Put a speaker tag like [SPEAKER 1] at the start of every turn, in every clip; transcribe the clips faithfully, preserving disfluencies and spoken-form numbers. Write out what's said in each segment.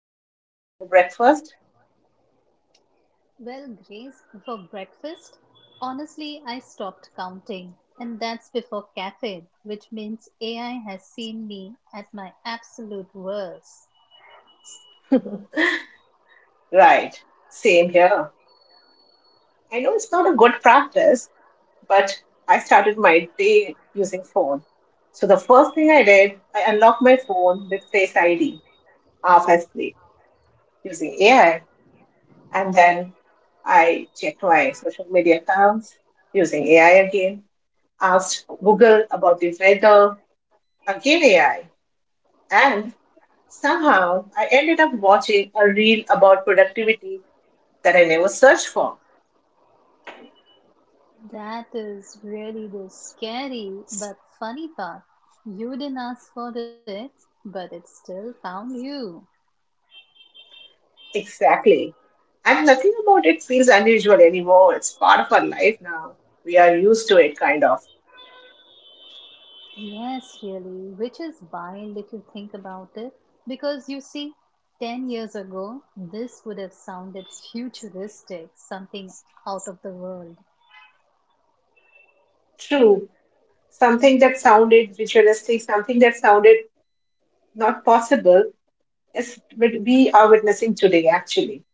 [SPEAKER 1] A I today before breakfast?
[SPEAKER 2] Well, Grace, for breakfast, honestly, I stopped counting, and that's before caffeine, which means A I has seen me at my absolute worst.
[SPEAKER 1] Right, same here. I know it's not a good practice, but I started my day using phone. So the first thing I did, I unlocked my phone with Face I D, half asleep, using A I. And then I checked my social media accounts using A I again, asked Google about the weather, again A I. And Somehow, I ended up watching a reel about productivity that I never searched for.
[SPEAKER 2] That is really the scary but funny part. You didn't ask for it, but it still found you.
[SPEAKER 1] Exactly. And nothing about it feels unusual anymore. It's part of our life now. We are used to it, kind of.
[SPEAKER 2] Yes, really, which is wild if you think about it, because you see, ten years ago, this would have sounded futuristic, something out of the world.
[SPEAKER 1] True. Something that sounded ritualistic, something that sounded not possible, is what we are witnessing today, actually.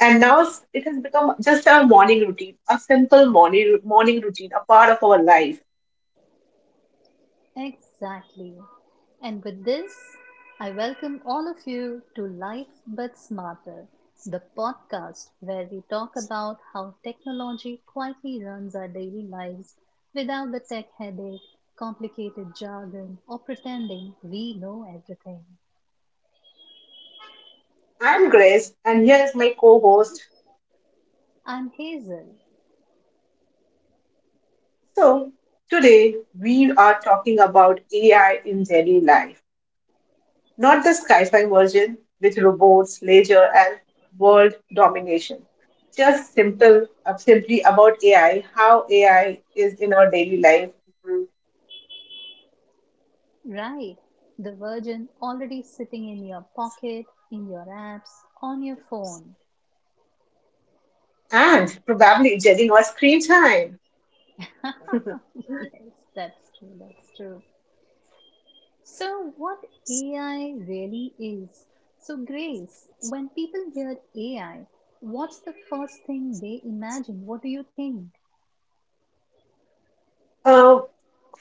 [SPEAKER 1] And now it's- it has become just our morning routine, a simple morning, morning routine, a part of our life.
[SPEAKER 2] Exactly. And with this, I welcome all of you to Life But Smarter, the podcast where we talk about how technology quietly runs our daily lives without the tech headache, complicated jargon, or pretending we know everything.
[SPEAKER 1] I'm Grace, and here is my co host.
[SPEAKER 2] I'm Hazel,
[SPEAKER 1] So, today we are talking about A I in daily life, not the sci fi version with robots, leisure, and world domination. Just simple, uh, simply about A I, how A I is in our daily life,
[SPEAKER 2] right? The virgin already sitting in your pocket, in your apps, on your phone.
[SPEAKER 1] and probably judging our screen time.
[SPEAKER 2] Yes, that's true, that's true. So, what A I really is? So, Grace, when people hear A I, what's the first thing they imagine? What do you think?
[SPEAKER 1] Uh,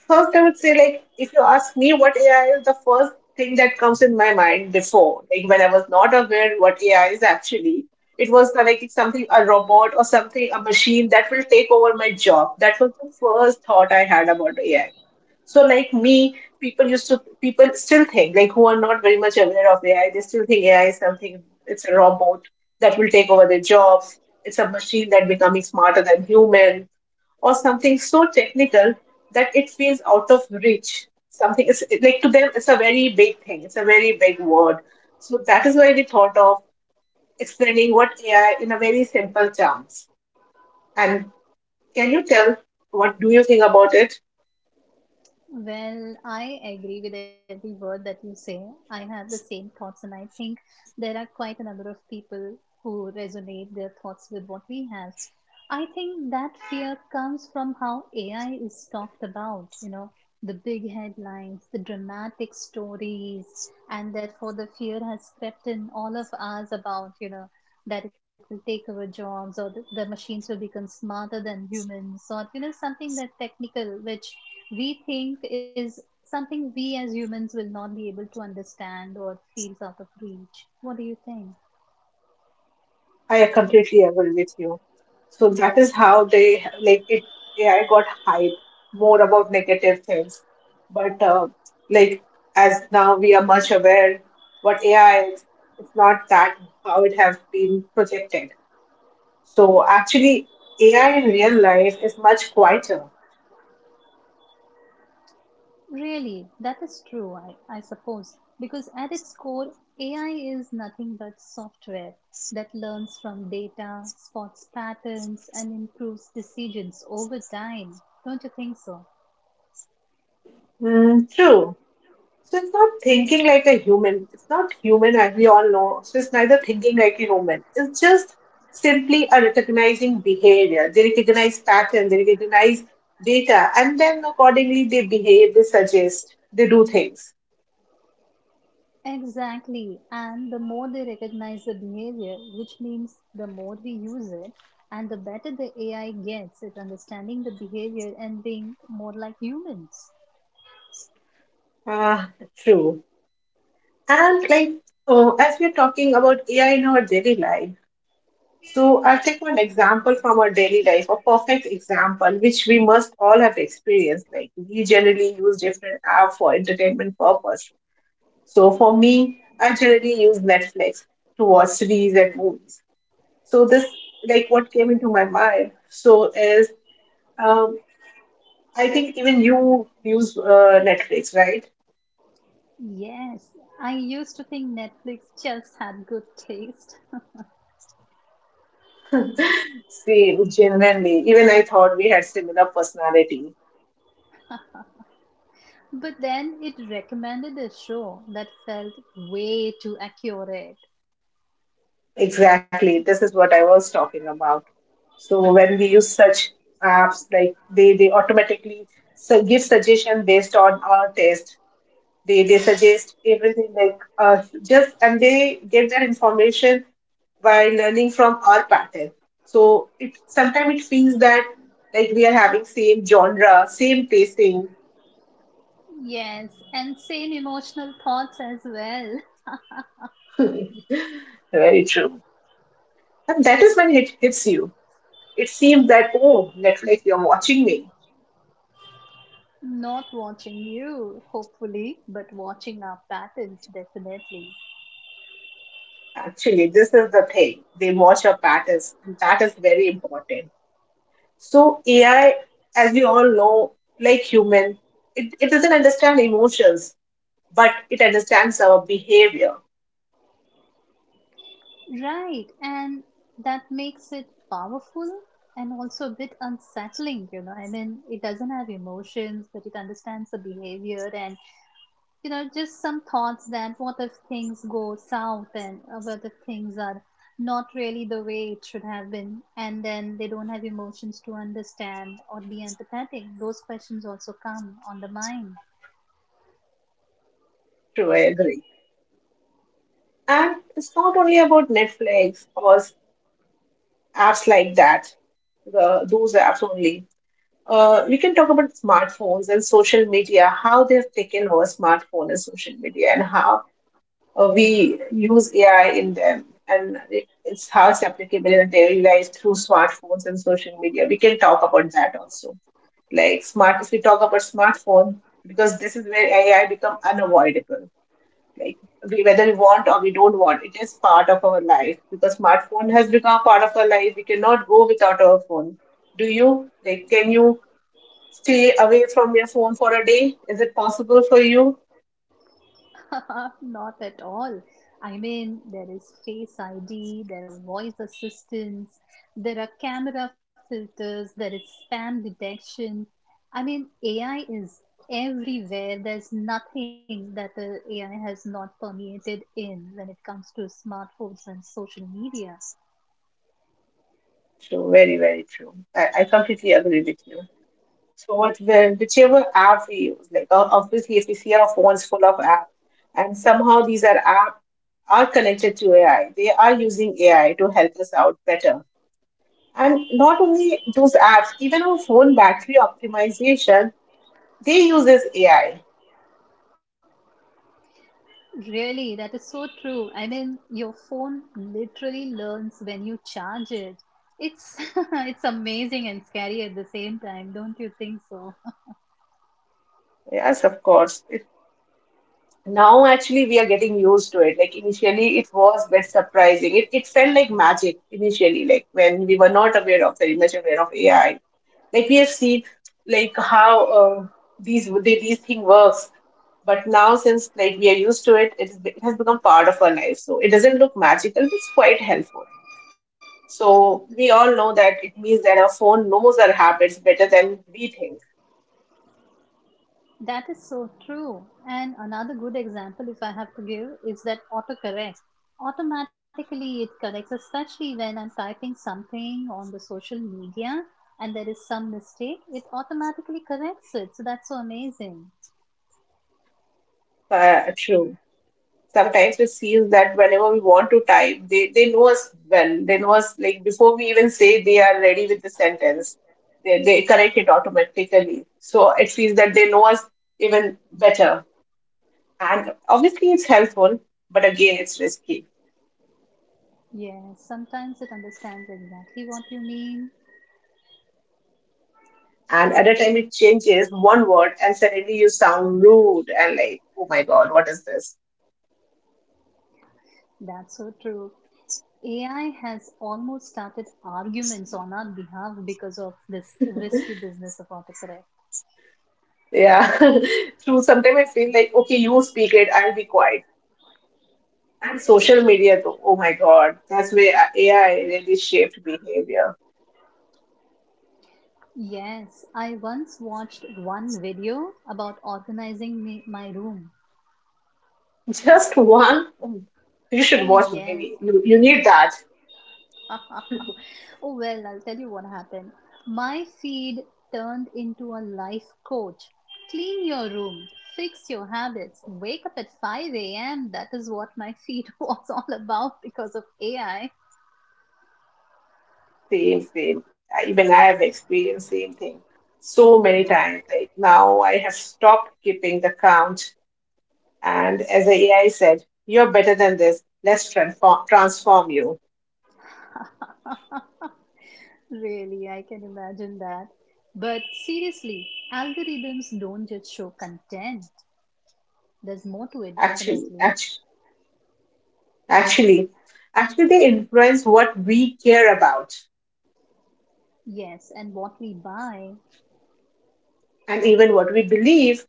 [SPEAKER 1] First, I would say, like, if you ask me what A I is, the first thing that comes in my mind before, like, when I was not aware what A I is actually, it was uh, like something, a robot or something, a machine that will take over my job. That was the first thought I had about A I. So, like me, people used to people still think, like, who are not very much aware of A I, they still think A I is something. It's a robot that will take over their jobs. It's a machine that becoming smarter than human, or something so technical that it feels out of reach. Something is like to them, it's a very big thing. It's a very big word. So that is why we thought of explaining what A I in a very simple terms. And can you tell what do you think about it?
[SPEAKER 2] Well, I agree with every word that you say. I have the same thoughts, and I think there are quite a number of people who resonate their thoughts with what we have. I think that fear comes from how A I is talked about, you know, the big headlines, the dramatic stories, and therefore the fear has crept in all of us about, you know, that it will take our jobs or the, the machines will become smarter than humans or, you know, something that technical, which we think is something we as humans will not be able to understand or feels out of reach. What do you think?
[SPEAKER 1] I completely agree with you. So that is how they like it. A I got hyped more about negative things, but uh, like as now we are much aware what A I is. It's not that how it has been projected. So actually, A I in real life is much quieter.
[SPEAKER 2] Really, that is true, I, I suppose, because at its core, A I is nothing but software that learns from data, spots patterns, and improves decisions over time. Don't you think so?
[SPEAKER 1] Mm, true. So it's not thinking like a human. It's not human, as we all know. So it's neither thinking like a human. It's just simply a recognizing behavior. They recognize pattern, they recognize data, and then accordingly they behave, they suggest, they do things.
[SPEAKER 2] Exactly. And the more they recognize the behavior, which means the more we use it, and the better the A I gets at understanding the behavior and being more like humans.
[SPEAKER 1] Ah, true. And like, uh, as we're talking about A I in our daily life, so I'll take one example from our daily life, a perfect example, which we must all have experienced. Like, we generally use different app for entertainment purpose. So for me, I generally use Netflix to watch series and movies. So this, like, what came into my mind. So is um, I think even you use uh, Netflix, right?
[SPEAKER 2] Yes, I used to think Netflix just had good taste,
[SPEAKER 1] Same, genuinely. Even I thought we had similar personality.
[SPEAKER 2] but then it recommended a show that felt way too accurate.
[SPEAKER 1] Exactly. This is what I was talking about. So when we use such apps, like they they automatically su- give suggestion based on our taste. They they suggest everything like uh, just and they get their information by learning from our pattern. So it sometimes it feels that like we are having same genre, same pacing.
[SPEAKER 2] Yes, and same emotional thoughts as well.
[SPEAKER 1] Very true. And that is when it hits you. It seems that, oh Netflix, you're watching me.
[SPEAKER 2] Not watching you, hopefully, but watching our patterns, definitely.
[SPEAKER 1] Actually, this is the thing. They watch your patterns, and that is very important. So A I, as we all know, like human, it, it doesn't understand emotions but it understands our behavior.
[SPEAKER 2] Right, and that makes it powerful and also a bit unsettling, you know. I mean, it doesn't have emotions, but it understands the behavior and, you know, just some thoughts that what if things go south and uh, what if things are not really the way it should have been, and then they don't have emotions to understand or be empathetic. Those questions also come on the mind.
[SPEAKER 1] True, I agree. And it's not only about Netflix or s- apps like that, the, those apps only. Uh, we can talk about smartphones and social media, how they have taken over smartphone and social media, and how uh, we use A I in them. And it, it's how it's applicable in daily life through smartphones and social media. We can talk about that also. Like smart, if we talk about smartphone, because this is where A I become unavoidable, like we, whether we want or we don't want, it is part of our life because smartphone has become a part of our life. We cannot go without our phone. Do you, like, can you stay away from your phone for a day? Is it possible for you?
[SPEAKER 2] Not at all. I mean, there is Face I D, there are voice assistants, there are camera filters, there is spam detection. I mean, A I is everywhere. There's nothing that the A I has not permeated in when it comes to smartphones and social media.
[SPEAKER 1] True, very very true. i, I completely agree with you. So what, where- whichever app we use, like, o- obviously if we see our phones full of apps, and somehow these are apps are connected to AI, they are using AI to help us out better. And not only those apps, even our phone battery optimization, they uses A I.
[SPEAKER 2] Really, that is so true. I mean, your phone literally learns when you charge it. It's it's amazing and scary at the same time, don't you think so?
[SPEAKER 1] Yes, of course. It, now actually we are getting used to it. Like initially it was a bit surprising. It, it felt like magic initially, like when we were not aware of very much aware of A I. Like we have seen like how uh, these they, these thing works. But now since like we are used to it, it, is, it has become part of our life. So it doesn't look magical, but it's quite helpful. So we all know that it means that our phone knows our habits better than we think.
[SPEAKER 2] That is so true. And another good example, if I have to give, is that autocorrect. Automatically, it corrects, especially when I'm typing something on the social media and there is some mistake, it automatically corrects it. So that's so amazing.
[SPEAKER 1] Uh, true. Sometimes it seems that whenever we want to type, they, they know us well. They know us like before we even say they are ready with the sentence. They, they correct it automatically. So it feels that they know us even better. And obviously it's helpful, but again it's risky.
[SPEAKER 2] Yes, sometimes it understands exactly what you mean.
[SPEAKER 1] And at a time it changes one word and suddenly you sound rude and like, oh my God, what is this?
[SPEAKER 2] That's so true. A I has almost started arguments on our behalf because of this risky business of autocorrect.
[SPEAKER 1] Yeah, true. Sometimes I feel like, okay, you speak it, I'll be quiet. And social media, though, oh my God, that's where A I really shaped behavior.
[SPEAKER 2] Yes, I once watched one video about organizing me, my room.
[SPEAKER 1] Just one, you should
[SPEAKER 2] Oh,
[SPEAKER 1] watch
[SPEAKER 2] yes.
[SPEAKER 1] maybe. You, you need that.
[SPEAKER 2] Oh, well, I'll tell you what happened. My feed turned into a life coach. Clean your room, fix your habits, wake up at five a m. That is what my feed was all about because of A I.
[SPEAKER 1] Same, same. I- Even I have experienced same thing so many times. Like now I have stopped keeping the count. And as the A I said, you're better than this. Let's transform, transform you.
[SPEAKER 2] Really, I can imagine that. But seriously, algorithms don't just show content. There's more to it,
[SPEAKER 1] Actually,
[SPEAKER 2] definitely.
[SPEAKER 1] actually. Actually, actually, they influence what we care about
[SPEAKER 2] Yes, and what we buy.
[SPEAKER 1] and even what we believe.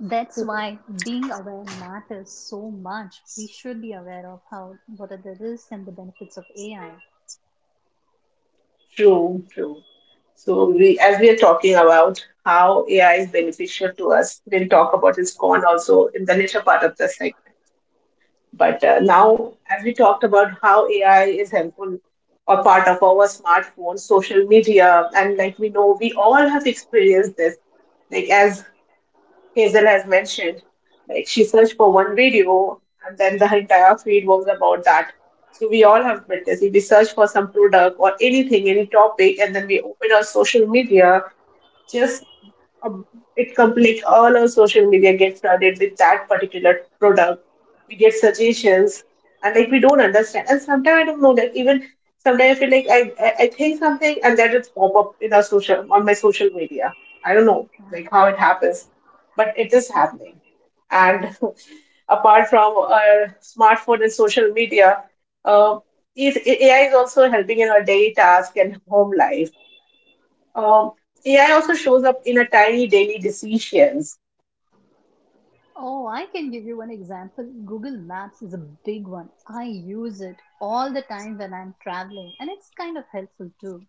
[SPEAKER 2] That's why being aware matters so much. We should be aware of how what are the risks and the benefits of A I.
[SPEAKER 1] True, true. So we, as we are talking about how A I is beneficial to us, we'll talk about its con also in the later part of the segment. But uh, now, as we talked about how A I is helpful or part of our smartphone, social media, and like we know, we all have experienced this. Like as Hazel has mentioned, like she searched for one video and then the entire feed was about that. So we all have been busy. We search for some product or anything, any topic, and then we open our social media, just um, it come, like all our social media gets flooded with that particular product. We get suggestions, and like we don't understand. And sometimes I don't know that even sometimes I feel like I I, I think something and that it's pop up in our social on my social media. I don't know like how it happens, but it is happening. And apart from our smartphone and social media, uh, is A I is also helping in our daily task and home life. um, A I also shows up in a tiny daily decisions.
[SPEAKER 2] Oh, I can give you one example. Google Maps is a big one. I use it all the time when I'm traveling, and it's kind of helpful too.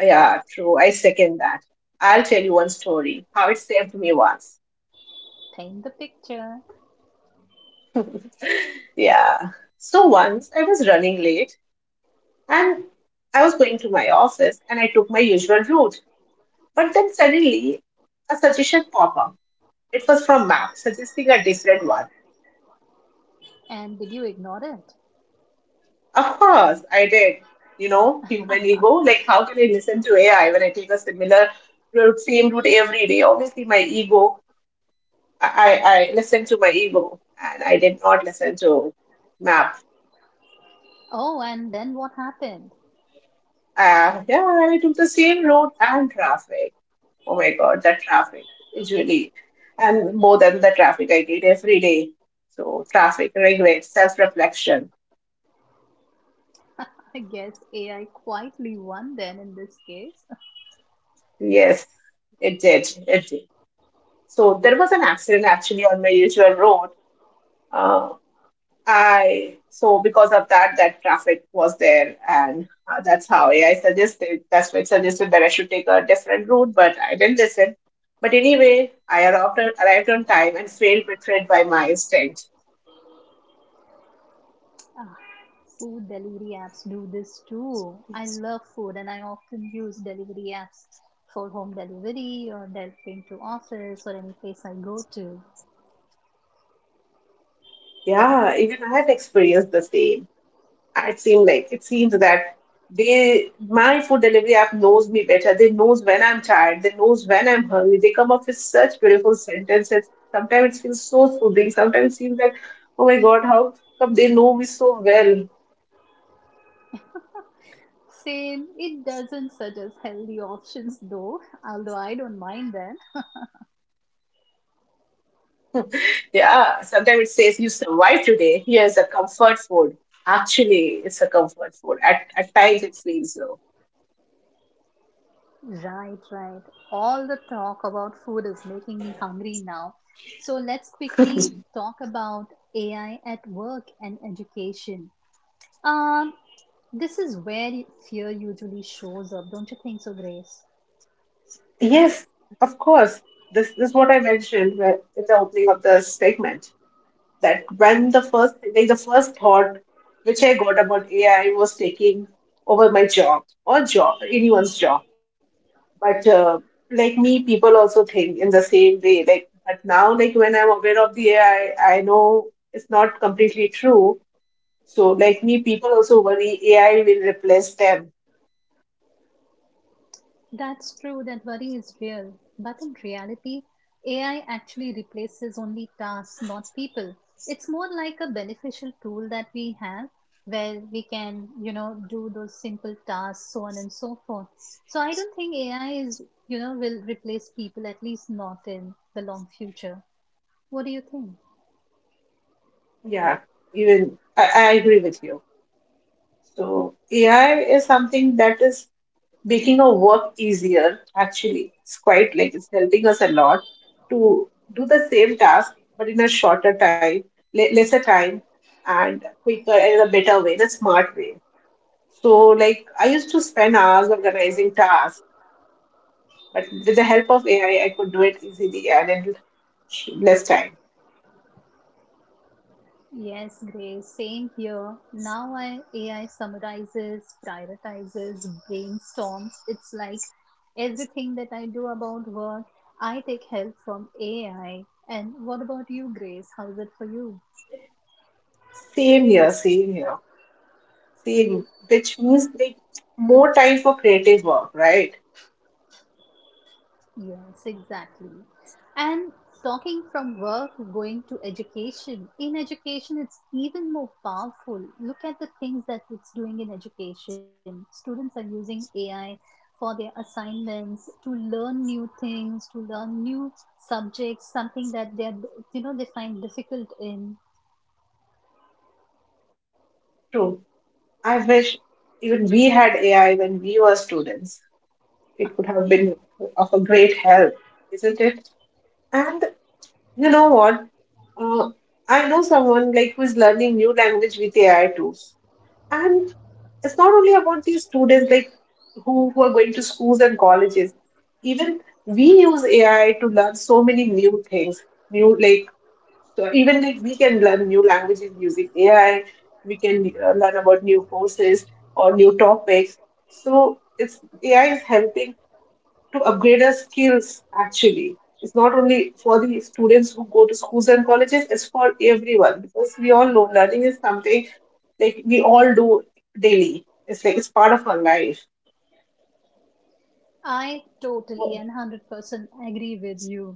[SPEAKER 1] Yeah, true. I second that. I'll tell you one story how it saved me once.
[SPEAKER 2] Paint the picture.
[SPEAKER 1] Yeah. So once I was running late and I was going to my office and I took my usual route. But then suddenly a suggestion popped up. It was from Mac suggesting a different one.
[SPEAKER 2] And did you ignore it?
[SPEAKER 1] Of course, I did. You know, human ego. Like, how can I listen to A I when I take a similar route, same route every day? Obviously, my ego, I, I listened to my ego and I did not listen to map.
[SPEAKER 2] Oh, and then what happened?
[SPEAKER 1] Uh, yeah, I took the same road and traffic. Oh my God, that traffic is really, and more than the traffic I get every day. So traffic, regret, self-reflection.
[SPEAKER 2] I guess A I quietly won then in this case.
[SPEAKER 1] Yes, it did. It did. So there was an accident actually on my usual road. Uh, I so because of that, that traffic was there, and uh, that's how A I suggested. That's why it suggested that I should take a different route, but I didn't listen. But anyway, I arrived on, arrived on time and failed betrayed by my instinct.
[SPEAKER 2] Ah, food delivery apps do this too. I love food and I often use delivery apps for home delivery or delivering to office or any place I go to.
[SPEAKER 1] Yeah, even I have experienced the same. It seems like it seems that they my food delivery app knows me better. They knows when I'm tired, they knows when I'm hungry. They come up with such beautiful sentences. Sometimes it feels so soothing. Sometimes it seems like, oh my god, how come they know me so well?
[SPEAKER 2] Same, it doesn't suggest healthy options though, although I don't mind them.
[SPEAKER 1] Yeah, sometimes it says you survived today, here's a comfort food. Actually it's a comfort food at, at times. It feels so...
[SPEAKER 2] Right, right. All the talk about food is making me hungry now. So let's quickly talk about A I at work and education. Um, this is where y- fear usually shows up, don't you think so, Grace?
[SPEAKER 1] Yes, of course. This, this is what I mentioned uh, in the opening of the segment, that when the first, like the first thought which I got about A I was taking over my job, or job, anyone's job. But uh, like me, people also think in the same way. Like, but now, like when I'm aware of the A I, I I know it's not completely true. So like me, people also worry A I will replace them.
[SPEAKER 2] That's true, that worry is real. But in reality, A I actually replaces only tasks, not people. It's more like a beneficial tool that we have where we can, you know, do those simple tasks, so on and so forth. So I don't think A I is, you know, will replace people, at least not in the long future. What do you think?
[SPEAKER 1] Yeah, even I, I agree with you. So A I is something that is making our work easier. Actually it's quite like it's helping us a lot to do the same task but in a shorter time, le- lesser time, and quicker, and in a better way, in a smart way. So, like I used to spend hours organizing tasks, but with the help of AI I could do it easily and in less time.
[SPEAKER 2] Yes, Grace, same here. Now I, A I summarizes, prioritizes, brainstorms. It's like everything that I do about work, I take help from A I. And what about you, Grace? How's it for you?
[SPEAKER 1] Same here, same here, same, which means like more time for creative work, right?
[SPEAKER 2] Yes, exactly. And talking from work, going to education. In education, it's even more powerful. Look at the things that it's doing in education. Students are using A I for their assignments to learn new things, to learn new subjects, something that they're, you know, they find difficult in.
[SPEAKER 1] I wish even we had A I when we were students. It would have been of a great help, isn't it? And you know what? Uh, I know someone like who is learning new language with A I tools. And it's not only about these students like who, who are going to schools and colleges. Even we use A I to learn so many new things, new, like, so even if we can learn new languages using A I, we can uh, learn about new courses or new topics. So it's A I is helping to upgrade our skills actually. It's not only for the students who go to schools and colleges, it's for everyone, because we all know learning is something like we all do daily. It's like it's part of our life.
[SPEAKER 2] I totally and one hundred percent agree with you.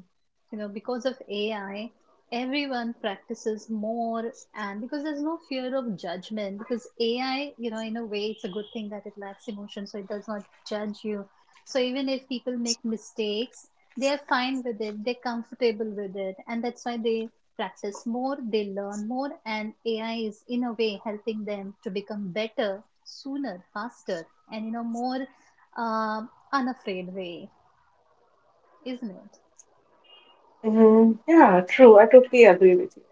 [SPEAKER 2] You know, because of A I, everyone practices more, and because there's no fear of judgment, because A I, you know, in a way, it's a good thing that it lacks emotion, so it does not judge you. So even if people make mistakes, they are fine with it, they're comfortable with it, and that's why they practice more, they learn more, and A I is, in a way, helping them to become better sooner, faster, and, you know, more. Uh, Unafraid way, isn't it?
[SPEAKER 1] Mhm. Yeah, true. I totally agree with you.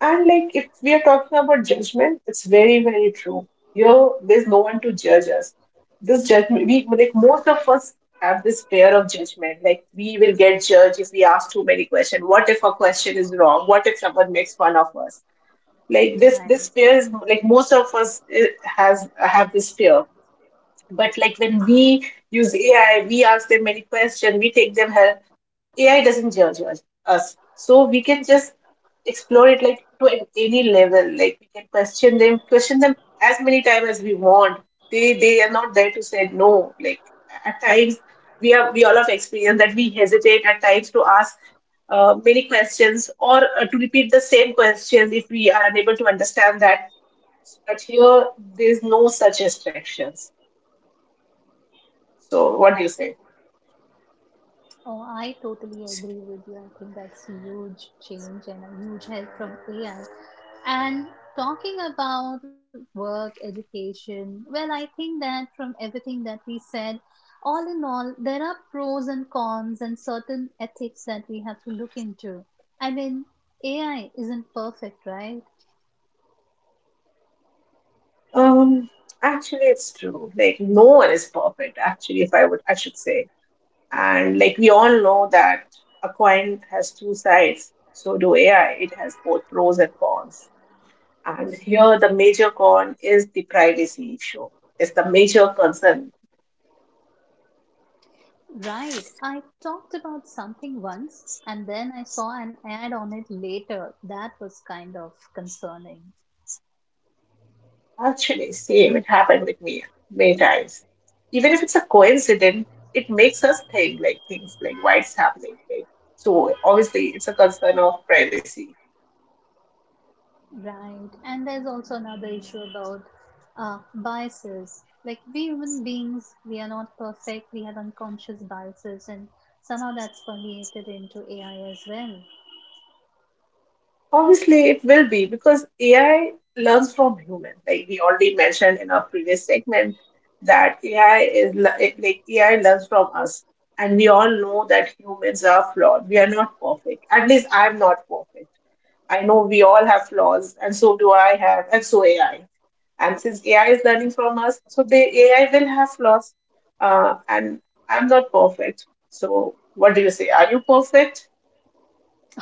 [SPEAKER 1] And like if we are talking about judgment, it's very, very true. Here, there's no one to judge us. This judgment, we like most of us have this fear of judgment. Like, we will get judged if we ask too many questions. What if a question is wrong? What if someone makes fun of us? Like this, this
[SPEAKER 2] Right.
[SPEAKER 1] fear is like most of us eh, has have this fear. But like when we use A I, we ask them many questions, we take them help. A I doesn't judge us. us. So we can just explore it like to an- any level. Like we can question them, question them as many times as we want. They they are not there to say no. Like at times we have we all have experience that we hesitate at times to ask uh, many questions or uh, to repeat the same questions if we are unable to understand that. But here there is no such restrictions. So, what do you say?
[SPEAKER 2] Oh, I totally agree with you. I think that's a huge change and a huge help from A I. And talking about work, education, well, I think that from everything that we said, all in all, there are pros and cons and certain ethics that we have to look into. I mean, A I isn't perfect, right?
[SPEAKER 1] Um, Actually, it's true. Like, no one is perfect. Actually, if I would, I should say, and like we all know that a coin has two sides. So do A I. It has both pros and cons. And here, the major con is the privacy issue. It's the major concern.
[SPEAKER 2] Right. I talked about something once and then I saw an ad on it later. That was kind of concerning.
[SPEAKER 1] Actually, same. It happened with me many times. Even if it's a coincidence, it makes us think like things like why it's happening. Like, so obviously, it's a concern of privacy.
[SPEAKER 2] Right. And there's also another issue about uh, biases. Like, we human beings, we are not perfect. We have unconscious biases, and somehow that's permeated into A I as well.
[SPEAKER 1] Obviously, it will be because A I learns from human. Like we already mentioned in our previous segment, that A I is le- like A I learns from us, and we all know that humans are flawed. We are not perfect. At least I'm not perfect. I know we all have flaws, and so do I have, and so A I. And since A I is learning from us, so the A I will have flaws, uh, and I'm not perfect. So, what do you say? Are you perfect?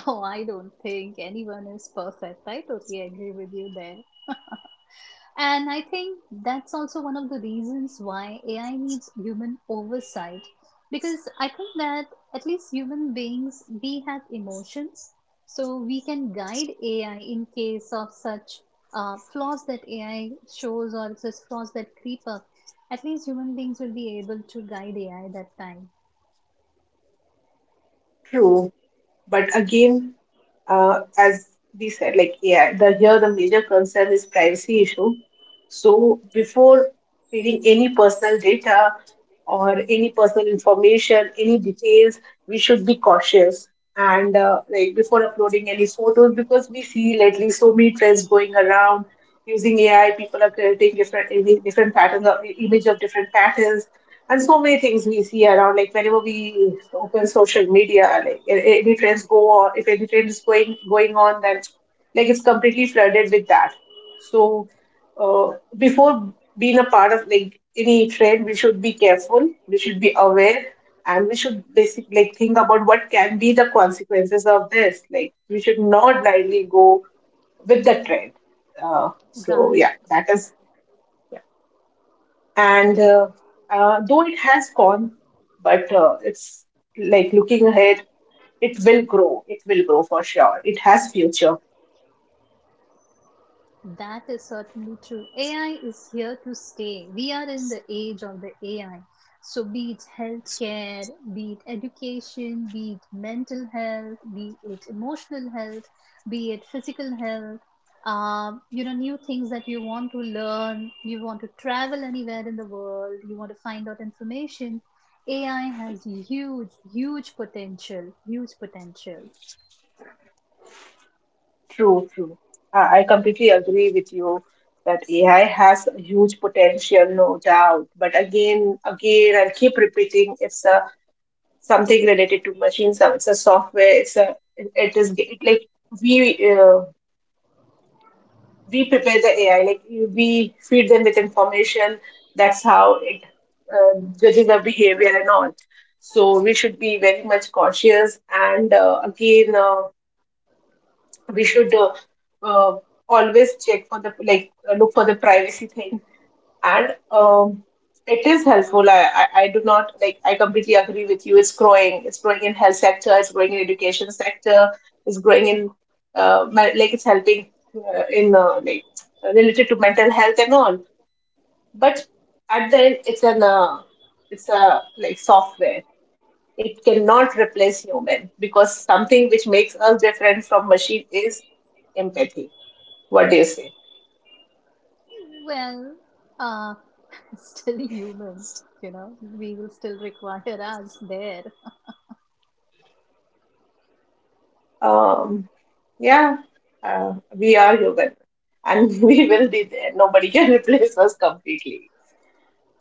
[SPEAKER 2] Oh, I don't think anyone is perfect. I totally agree with you there. And I think that's also one of the reasons why A I needs human oversight. Because I think that at least human beings, we have emotions. So we can guide A I in case of such uh, flaws that A I shows or such flaws that creep up. At least human beings will be able to guide A I that time.
[SPEAKER 1] True. But again, uh, as we said, like A I, the here the major concern is privacy issue. So before feeding any personal data or any personal information, any details, we should be cautious. And uh, like before uploading any photos, because we see lately so many trends going around using A I, people are creating different different patterns of image of different patterns, and so many things we see around. Like whenever we open social media, like a- any trends go on, if any trend is going going on, then like it's completely flooded with that. So uh, before being a part of like any trend, we should be careful, we should be aware, and we should basically like think about what can be the consequences of this. Like we should not blindly go with the trend. Uh, so yeah,
[SPEAKER 2] Right.
[SPEAKER 1] that is. And uh, uh, though it has gone, but uh, it's like looking ahead, it will grow. It will grow for sure. It has future.
[SPEAKER 2] That is certainly true. A I is here to stay. We are in the age of the A I. So, be it healthcare, be it education, be it mental health, be it emotional health, be it physical health, um, you know, new things that you want to learn, you want to travel anywhere in the world, you want to find out information. A I has huge, huge potential, huge potential.
[SPEAKER 1] True, true. I I completely agree with you that A I has a huge potential, no doubt. But again, again, I'll keep repeating: it's a something related to machines. It's a software. It's a it is it, like we. Uh, we prepare the A I. Like we feed them with information. That's how it uh, judges our behavior and all. So we should be very much cautious. And uh, again, uh, we should uh, uh, always check for the like uh, look for the privacy thing, and um, it is helpful. I, I I do not like. I completely agree with you. It's growing. It's growing in health sector. It's growing in education sector. It's growing in uh, me- like it's helping uh, in uh, like related to mental health and all. But at the end, it's an uh, it's a like software. It cannot replace human because something which makes us different from machine is empathy. What do you say?
[SPEAKER 2] Well, uh, still human, you know, we will still require us there.
[SPEAKER 1] Um, Yeah, uh, we are human and we will be there. Nobody can replace us completely.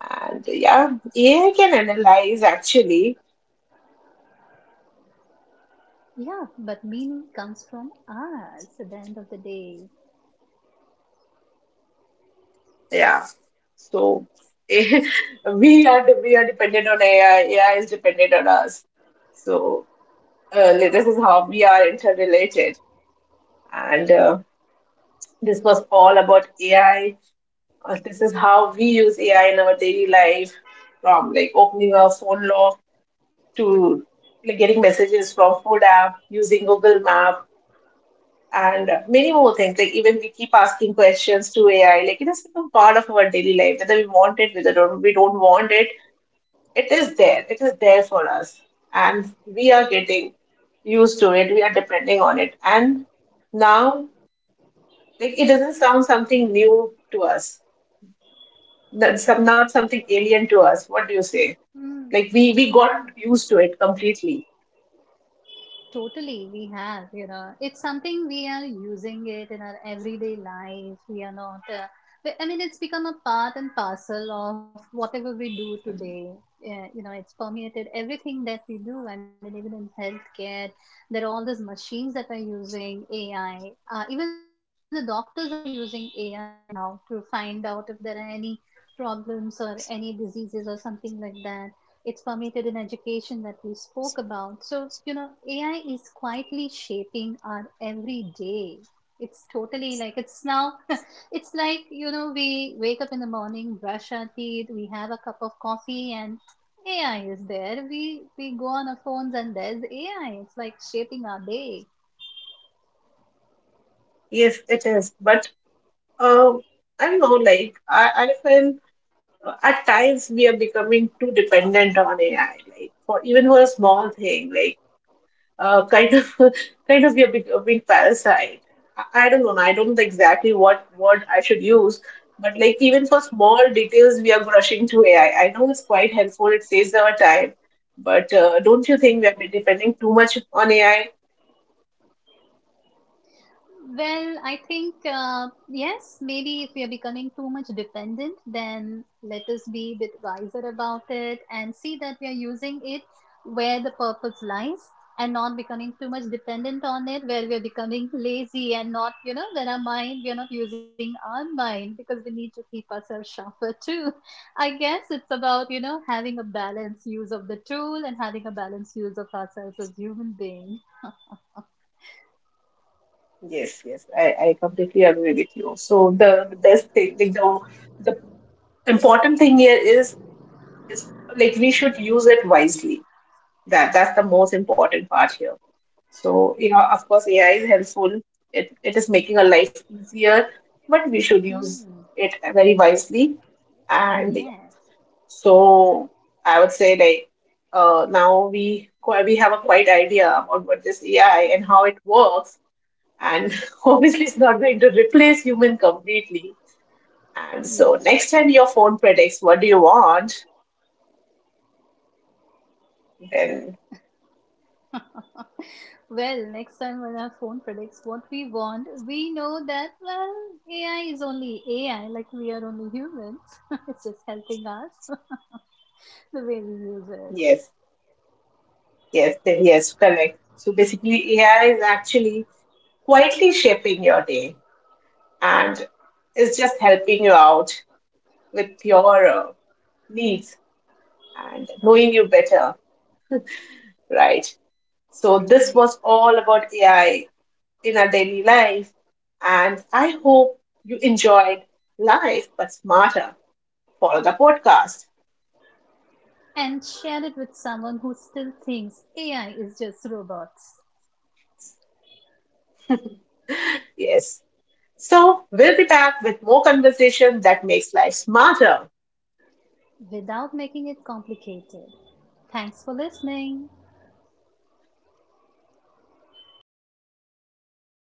[SPEAKER 1] And yeah, A I can analyze actually.
[SPEAKER 2] Yeah, but meaning comes from us at the end of the day.
[SPEAKER 1] Yeah, so we are we are dependent on A I. A I is dependent on us. So uh, this is how we are interrelated. And uh, this was all about A I. Uh, This is how we use A I in our daily life, from like opening our phone lock to like getting messages from food app, using Google Map, and many more things. Like even we keep asking questions to A I. Like it has become part of our daily life, whether we want it, whether don't- we don't want it. It is there. It is there for us, and we are getting used to it. We are depending on it, and now like it doesn't sound something new to us. That's some- not something alien to us. What do you say?
[SPEAKER 2] Mm.
[SPEAKER 1] Like we we
[SPEAKER 2] no, no.
[SPEAKER 1] got used to it completely.
[SPEAKER 2] Totally, we have, you know, it's something we are using it in our everyday life. We are not, uh, we- I mean, it's become a part and parcel of whatever we do today. Uh, you know, it's permeated everything that we do. I mean, even in healthcare, there are all these machines that are using A I. Uh, even the doctors are using A I now to find out if there are any problems or any diseases or something like that. It's permeated in education that we spoke about. So, you know, A I is quietly shaping our everyday. It's totally like it's now, it's like, you know, we wake up in the morning, brush our teeth, we have a cup of coffee, and A I is there. We we go on our phones and there's A I. It's like shaping our day.
[SPEAKER 1] Yes, it is. But Um, I don't know, like I, I feel at times we are becoming too dependent on A I, like for even for a small thing, like uh, kind of kind of we are becoming parasite. I, I don't know. I don't know exactly what word I should use, but like even for small details, we are rushing to A I. I I know it's quite helpful; it saves our time, but uh, don't you think we are depending too much on A I?
[SPEAKER 2] Well, I think, uh, yes, maybe if we are becoming too much dependent, then let us be a bit wiser about it and see that we are using it where the purpose lies and not becoming too much dependent on it, where we are becoming lazy and not, you know, when our mind, we are not using our mind because we need to keep ourselves sharper too. I guess it's about, you know, having a balanced use of the tool and having a balanced use of ourselves as human beings.
[SPEAKER 1] Yes, yes, I, I completely agree with you. So the the best thing, like the important thing here is is like we should use it wisely. That that's the most important part here. So you know, of course, A I is helpful. It it is making our life easier, but we should use
[SPEAKER 2] Hmm.
[SPEAKER 1] it very wisely. And yeah,
[SPEAKER 2] Yes,
[SPEAKER 1] so I would say like uh, now we qu- we have a quite idea about what this A I and how it works. And obviously, it's not going to replace human completely. And so
[SPEAKER 2] yes.
[SPEAKER 1] next time your phone predicts what do you want, then...
[SPEAKER 2] Well, next time when our phone predicts what we want, we know that, well, A I is only A I, like we are only humans. It's just helping us the way we use it.
[SPEAKER 1] Yes, yes, th- yes, correct. So basically, A I is actually quietly shaping your day and is just helping you out with your uh, needs, and knowing you better, right? So, this
[SPEAKER 2] Right.
[SPEAKER 1] was all about A I in our daily life. And I hope you enjoyed Life But Smarter. Follow the podcast.
[SPEAKER 2] And share it with someone who still thinks A I is just robots
[SPEAKER 1] Yes. So, we'll be back with more conversation that makes life smarter.
[SPEAKER 2] without making it complicated. Thanks for listening.